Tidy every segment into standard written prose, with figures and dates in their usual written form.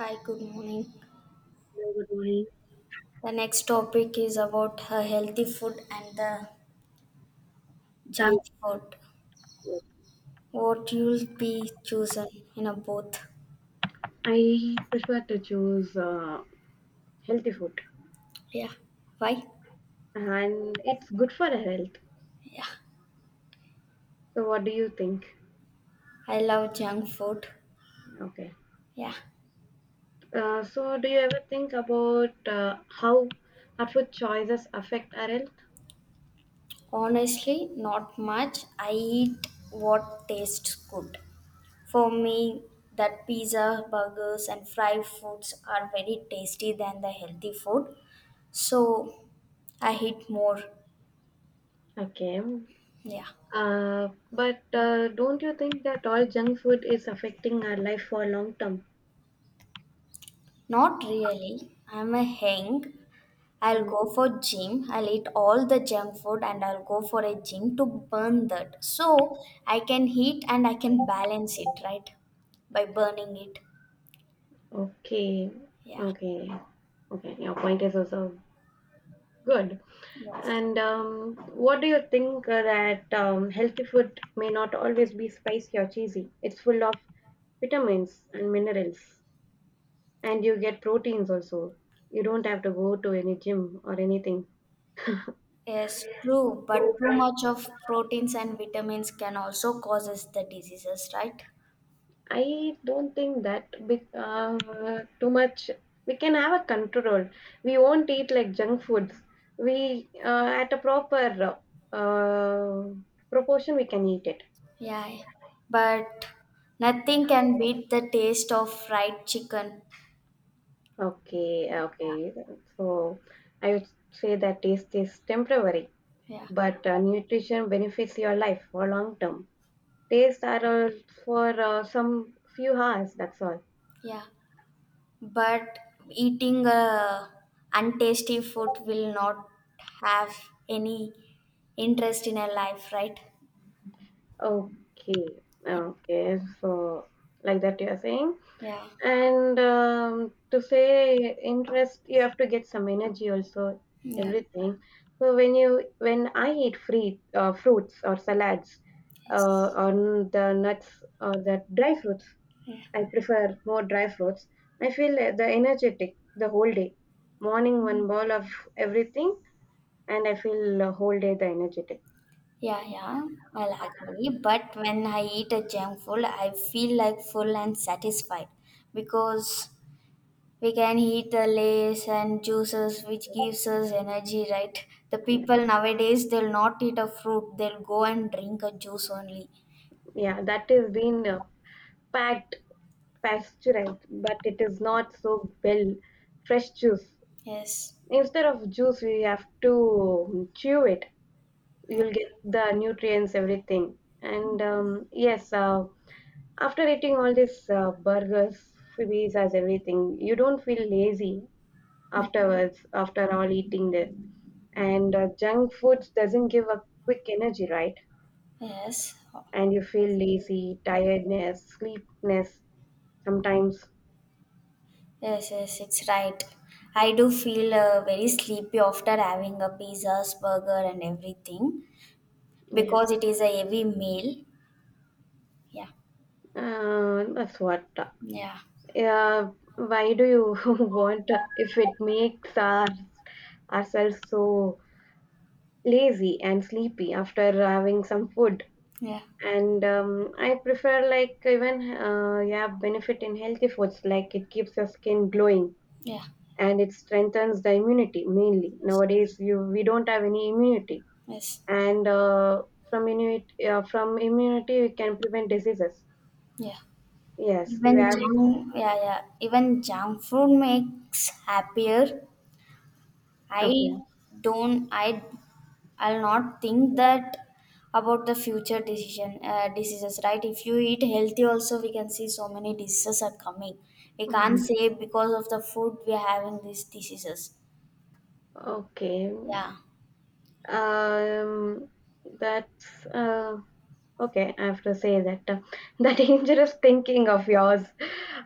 Hi, good morning. I would like The next topic is about healthy food and the junk junk food. food. What you'll be chosen in a both? I prefer to choose healthy food, Yeah. Why? and it's good for the health. Yeah. So, what do you think? I love junk food. Okay. Yeah. Do you ever think about how our food choices affect our health? Honestly, not much. I eat what tastes good. For me, that pizza, burgers, and fried foods are very tasty than the healthy food. So I eat more. Okay. Yeah. But don't you think that all junk food is affecting our life for long term? Not really. I'm a hang. I'll Hmm. go for gym. I'll eat all the junk food and I'll go for a gym to burn that. So I can eat and I can balance it, right? By burning it. Okay. Yeah. Okay. Okay. Your point is also good. Yes. And what do you think that healthy food may not always be spicy or cheesy? It's full of vitamins and minerals, and you get proteins also. You don't have to go to any gym or anything. Yes, true. But too much of proteins and vitamins can also causes the diseases, right? I don't think that big, too much. We can have a control. We won't eat like junk foods. We at a proper uh, proportion we can eat it. Yeah. But nothing can beat the taste of fried chicken. Okay, okay. So I would say that taste is temporary, Yeah. but nutrition benefits your life for long term. Taste are for some few hours, that's all. Yeah, but eating untasty food will not have any interest in our life, right? Okay, okay. So like that you are saying. Yeah, And to say interest, you have to get some energy also, yeah, everything. So when I eat free fruits or salads, yes, the nuts or the dry fruits. yeah, I prefer more dry fruits. I feel the energetic the whole day. Morning one bowl of everything, and I feel whole day the energetic. yeah, I'll agree, but when I eat a junk food I feel like full and satisfied, because we can eat the lays and juices which gives us energy, right? The people nowadays, they'll not eat a fruit, they'll go and drink a juice only. Yeah, that is been packed pasteurized, but it is not so well fresh juice. Yes. Instead of juice, we have to chew it. You'll get the nutrients, everything. And yes, after eating all these burgers, freebies, as everything, you don't feel lazy. Afterwards after all eating there and junk foods doesn't give a quick energy, right? Yes. And you feel lazy, tiredness, sleepness sometimes. Yes, yes, it's right. I do feel very sleepy after having a pizzas, burger, and everything, Yes, because it is a heavy meal. Yeah, that's what yeah, yeah, why do you want if it makes our, ourselves so lazy and sleepy after having some food? yeah, And I prefer like even yeah, benefit in healthy foods, like it keeps your skin glowing yeah, and it strengthens the immunity. Mainly nowadays you we don't have any immunity, yes, and from immunity we can prevent diseases. yeah. Yes, you Even have. junk, yeah, yeah. Even junk food makes happier. Okay. I don't. I I'll not think that about the future decision diseases, right? If you eat healthy, also we can see so many diseases are coming. We can't Mhm. say because of the food we are having these diseases. Okay. Yeah. um that's Okay, I have to say that the dangerous thinking of yours,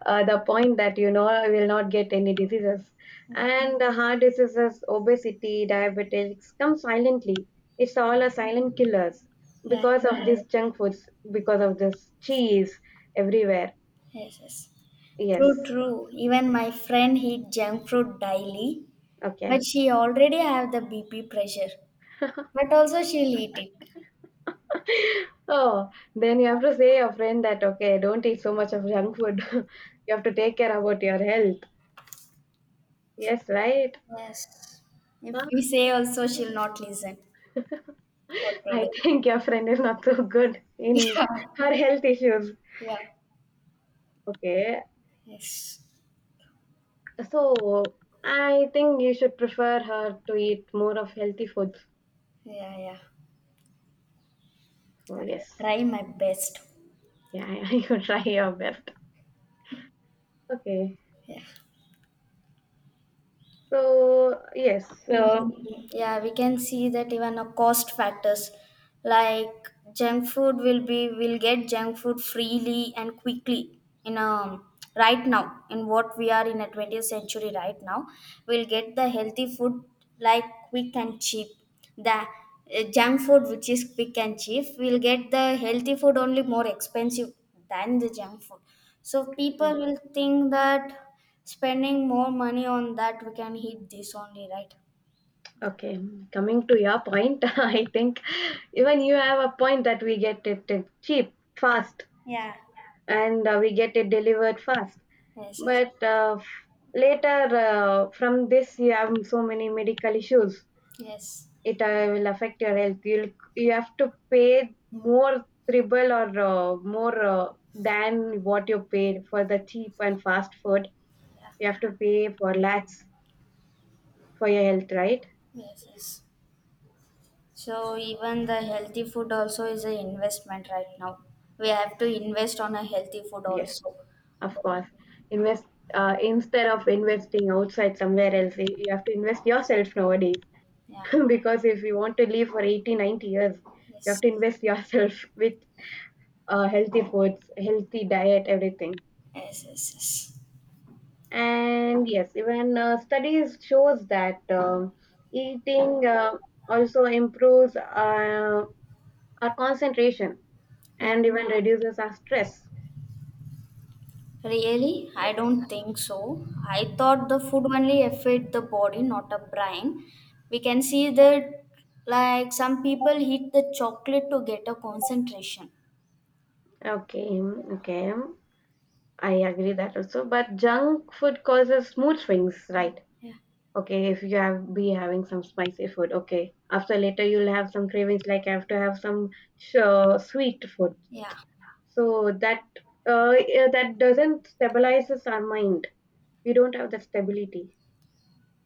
the point that you know I will not get any diseases, and the heart diseases, obesity, diabetics come silently. It's all a silent killers, Yeah. because of these junk foods, because of this cheese everywhere. Yes, yes. Yes, True, true. Even my friend eat junk food daily, but okay. she already have the BP pressure. But also she'll eat it. Oh, then you have to say your friend that okay, don't eat so much of junk food. You have to take care about your health. Yes, right. Yes. If we say also she'll not listen what to I do. think your friend is not so good in her health issues. Yeah. Okay, Yes. so I think you should prefer her to eat more of healthy foods. Yeah, yeah. So I yes, try my best. yeah, you could try your best. Okay, Yeah. so yes, so Even, yeah, we can see that even a cost factors, like junk food will be, will get junk food freely and quickly in a, right now in what we are in a 20th century, right now we'll get the healthy food like quick and cheap, the junk food which is quick and cheap, we'll get the healthy food only more expensive than the junk food. So people will think that spending more money on that, we can eat this only, right? okay, coming to your point, I think even you have a point that we get it cheap, fast, Yeah. and we get it delivered fast. Yes, yes, But uh, f- Later from this, you have so many medical issues. yes, It will affect your health. You have to pay more, triple or more, than what you paid for the cheap and fast food. yeah, You have to pay for lakhs for your health, right? yes, yes. So even the healthy food also is an investment right now. We have to invest on a healthy food Yes, also. Yeah, of course. Invest, instead of investing outside somewhere else, you have to invest yourself nowadays. yeah, Because if you want to live for 80, 90 years, you have yes, to invest yourself with healthy foods, healthy diet, everything. yes, yes, yes. And yes, even studies shows that eating also improves our concentration Yeah. and even reduces our stress. Really? I don't think so. I thought the food only affect the body, not the brain. We can see that, like some people eat the chocolate to get a concentration. Okay, okay, I agree that also, but junk food causes mood swings, right? Yeah. Okay, if you have be having some spicy food, okay, after later you'll have some cravings, like I have to have some sweet food. Yeah. So that that doesn't stabilizes our mind. We don't have that stability.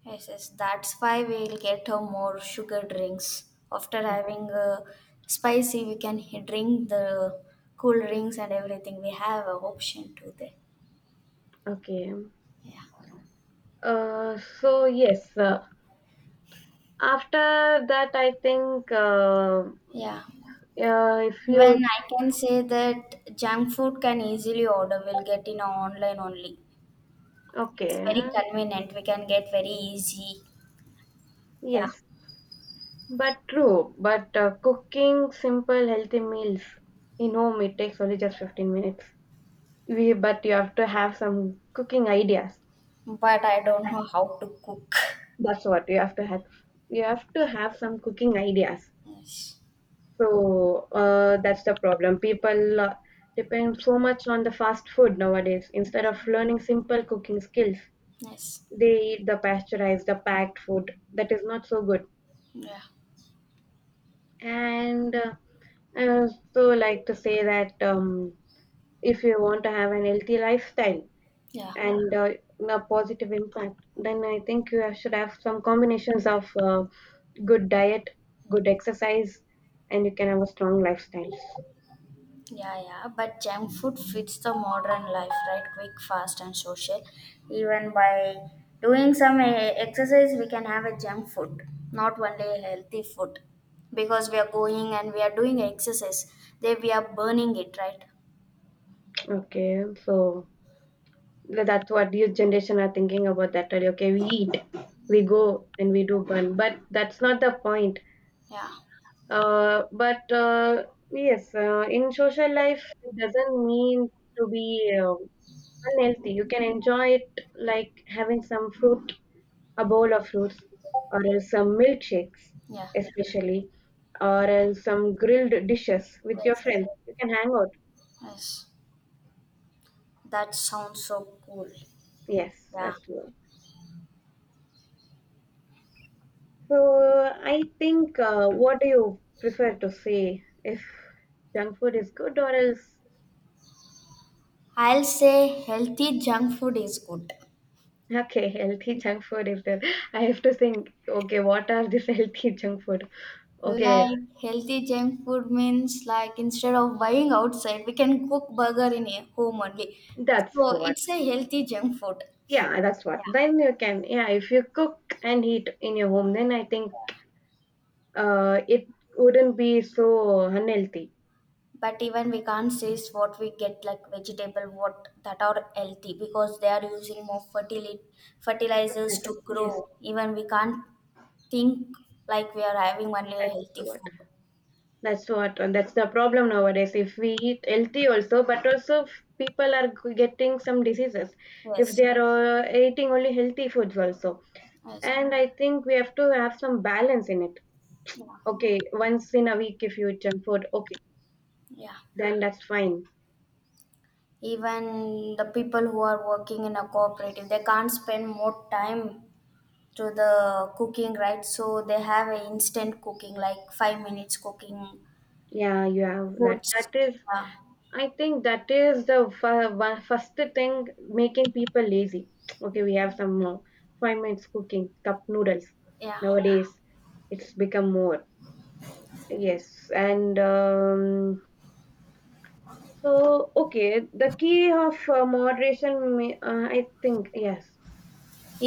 Yes, yes, that's why we'll get her more sugar drinks. After Yeah. having spicy, we can drink the cool drinks and everything. We have a option to there. Okay. Yeah, So yes, after that, I think yeah. If Even you I can say that junk food can easily order. We'll get in online only. It's very okay, convenient. We can get very easy. Yeah, yes, but true. But cooking simple healthy meals in home it takes only just 15 minutes. We but you have to have some cooking ideas. but I don't know how to cook. That's what you have to have. You have to have some cooking ideas. Yes, So that's the problem. People depend so much on the fast food nowadays. Instead of learning simple cooking skills, yes, they eat the pasteurized, the packed food that is not so good. yeah, And I also like to say that if you want to have an healthy lifestyle yeah. and a positive impact, then I think you should have some combinations of good diet, good exercise, and you can have a strong lifestyle. Yeah, yeah, but junk food fits the modern life, right? Quick, fast, and social. Even by doing some exercise, we can have a junk food, not only a healthy food. Because we are going and we are doing exercise, then we are burning it, right? Okay, so. Well, that's what youth generation are thinking about that already. Okay, we eat, we go and we do burn, but that's not the point. Yeah, But yes, in social life it doesn't mean to be unhealthy. You can enjoy it, like having some fruit, a bowl of fruits, or else some milkshakes, yeah, especially, or else some grilled dishes with your yes, friends. You can hang out. yes. That sounds so cool. Yes, Yeah, that's true. So I think, what do you prefer to say? If junk food is good or else, I'll say healthy junk food is good. okay, healthy junk food is there. I have to think, okay, what are this healthy junk food? Okay, Like healthy junk food means, like instead of buying outside, we can cook burger in a home only. that's So what. it's a healthy junk food. Yeah, that's what. Yeah. Then you can, yeah, if you cook and eat in your home, then I think it wouldn't be so unhealthy. But even we can't say is what we get like vegetable what that are healthy, because they are using more fertility That's my fertilizers suggestion. to grow. Yes, Even we can't think like we are having only a that's healthy what. food. That's the problem nowadays. If we eat healthy also, but also people are getting some diseases if Yes. they are eating only healthy foods also. Yes. And I think we have to have some balance in it. Yeah. Okay, once in a week if you eat junk food, okay, Yeah. then that's fine. Even the people who are working in a cooperative, they can't spend more time to the cooking, right? So they have a instant cooking like 5 minutes cooking Yeah, you have that. foods. That is, Yeah, I think that is the f- one first thing making people lazy. Okay, we have some 5 minutes cooking cup noodles yeah. nowadays. It's become more. Yes, and so okay, the key of moderation, may, I think, yes.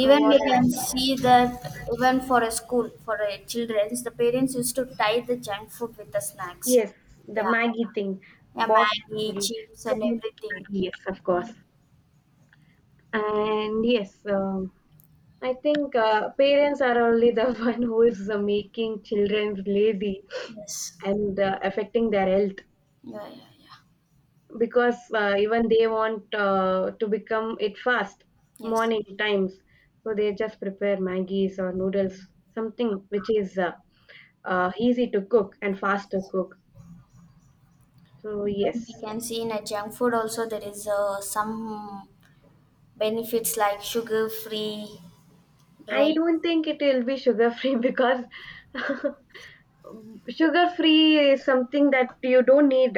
Even What we can see that even for a school, for a children's, the parents used to tie the junk food with the snacks. Yes, the Yeah, Maggie thing, yeah, box maggie Maggie, chips two and minute everything. Maggie, yes, of course. And yes, I think parents are only the one who is making children lazy Yes, and affecting their health. yeah, yeah, yeah, Because even they want to become it fast, yes. morning times, so they just prepare maggies or noodles, something which is easy to cook and fast to cook. So Even yes, we can see in a junk food also there is some benefits like sugar free I drink. don't think it will be sugar free because sugar free is something that you don't need.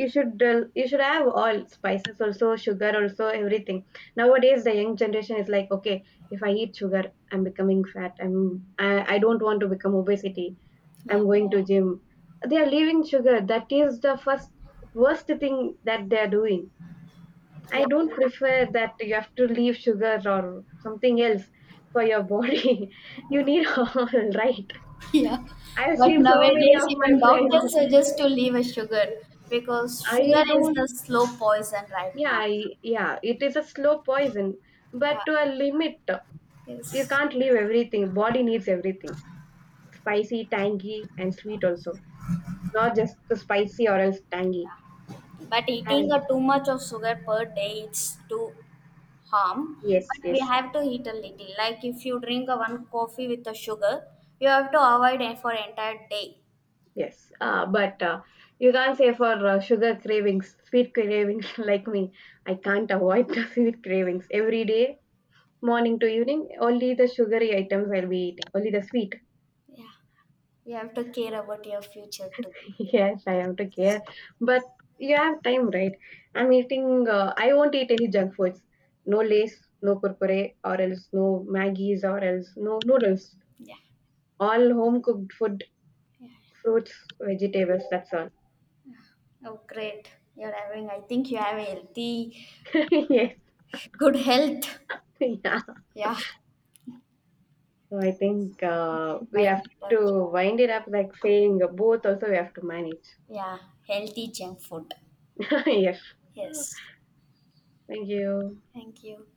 You should have all spices also, sugar also, everything. Nowadays the young generation is like, okay, if I eat sugar I'm becoming fat. I don't want to become obesity. Yeah, I'm going to gym. They are leaving sugar. That is the first worst thing that they are doing. I yeah, don't prefer that. You have to leave sugar or something else for your body. You need all, right. yeah. I've But seen so many nowadays of my even friends. doctors suggest to leave a sugar, because sugar I is don't the slow poison right Yeah, now. Yeah, it is a slow poison, but Yeah, to a limit. You yes. can't leave everything. Body needs everything. Spicy, tangy, and sweet also. Not just the spicy or else tangy. But eating And a too much of sugar per day, it's too harm. yes, But we yes, have to eat a little. Like if you drink a one coffee with the sugar, you have to avoid it for entire day. yes. But you can't say for sugar cravings, sweet cravings like me. I can't avoid the sweet cravings every day, morning to evening. Only the sugary items I'll be eating. Only the sweet. Yeah. You have to care about your future too. Yes, I have to care. But you have time, right? I'm eating, I won't eat any junk foods. No lace, no kurkure, or else no Maggies, or else no noodles. Yeah. All home cooked food, fruits, vegetables, that's all. Oh, great. You're having, I think you have a healthy, Yes, good health. yeah. Yeah. So I think You can we wind have it up. to wind it up like saying both also we have to manage. Yeah. Healthy junk food. Yes. Yes. Thank you. Thank you.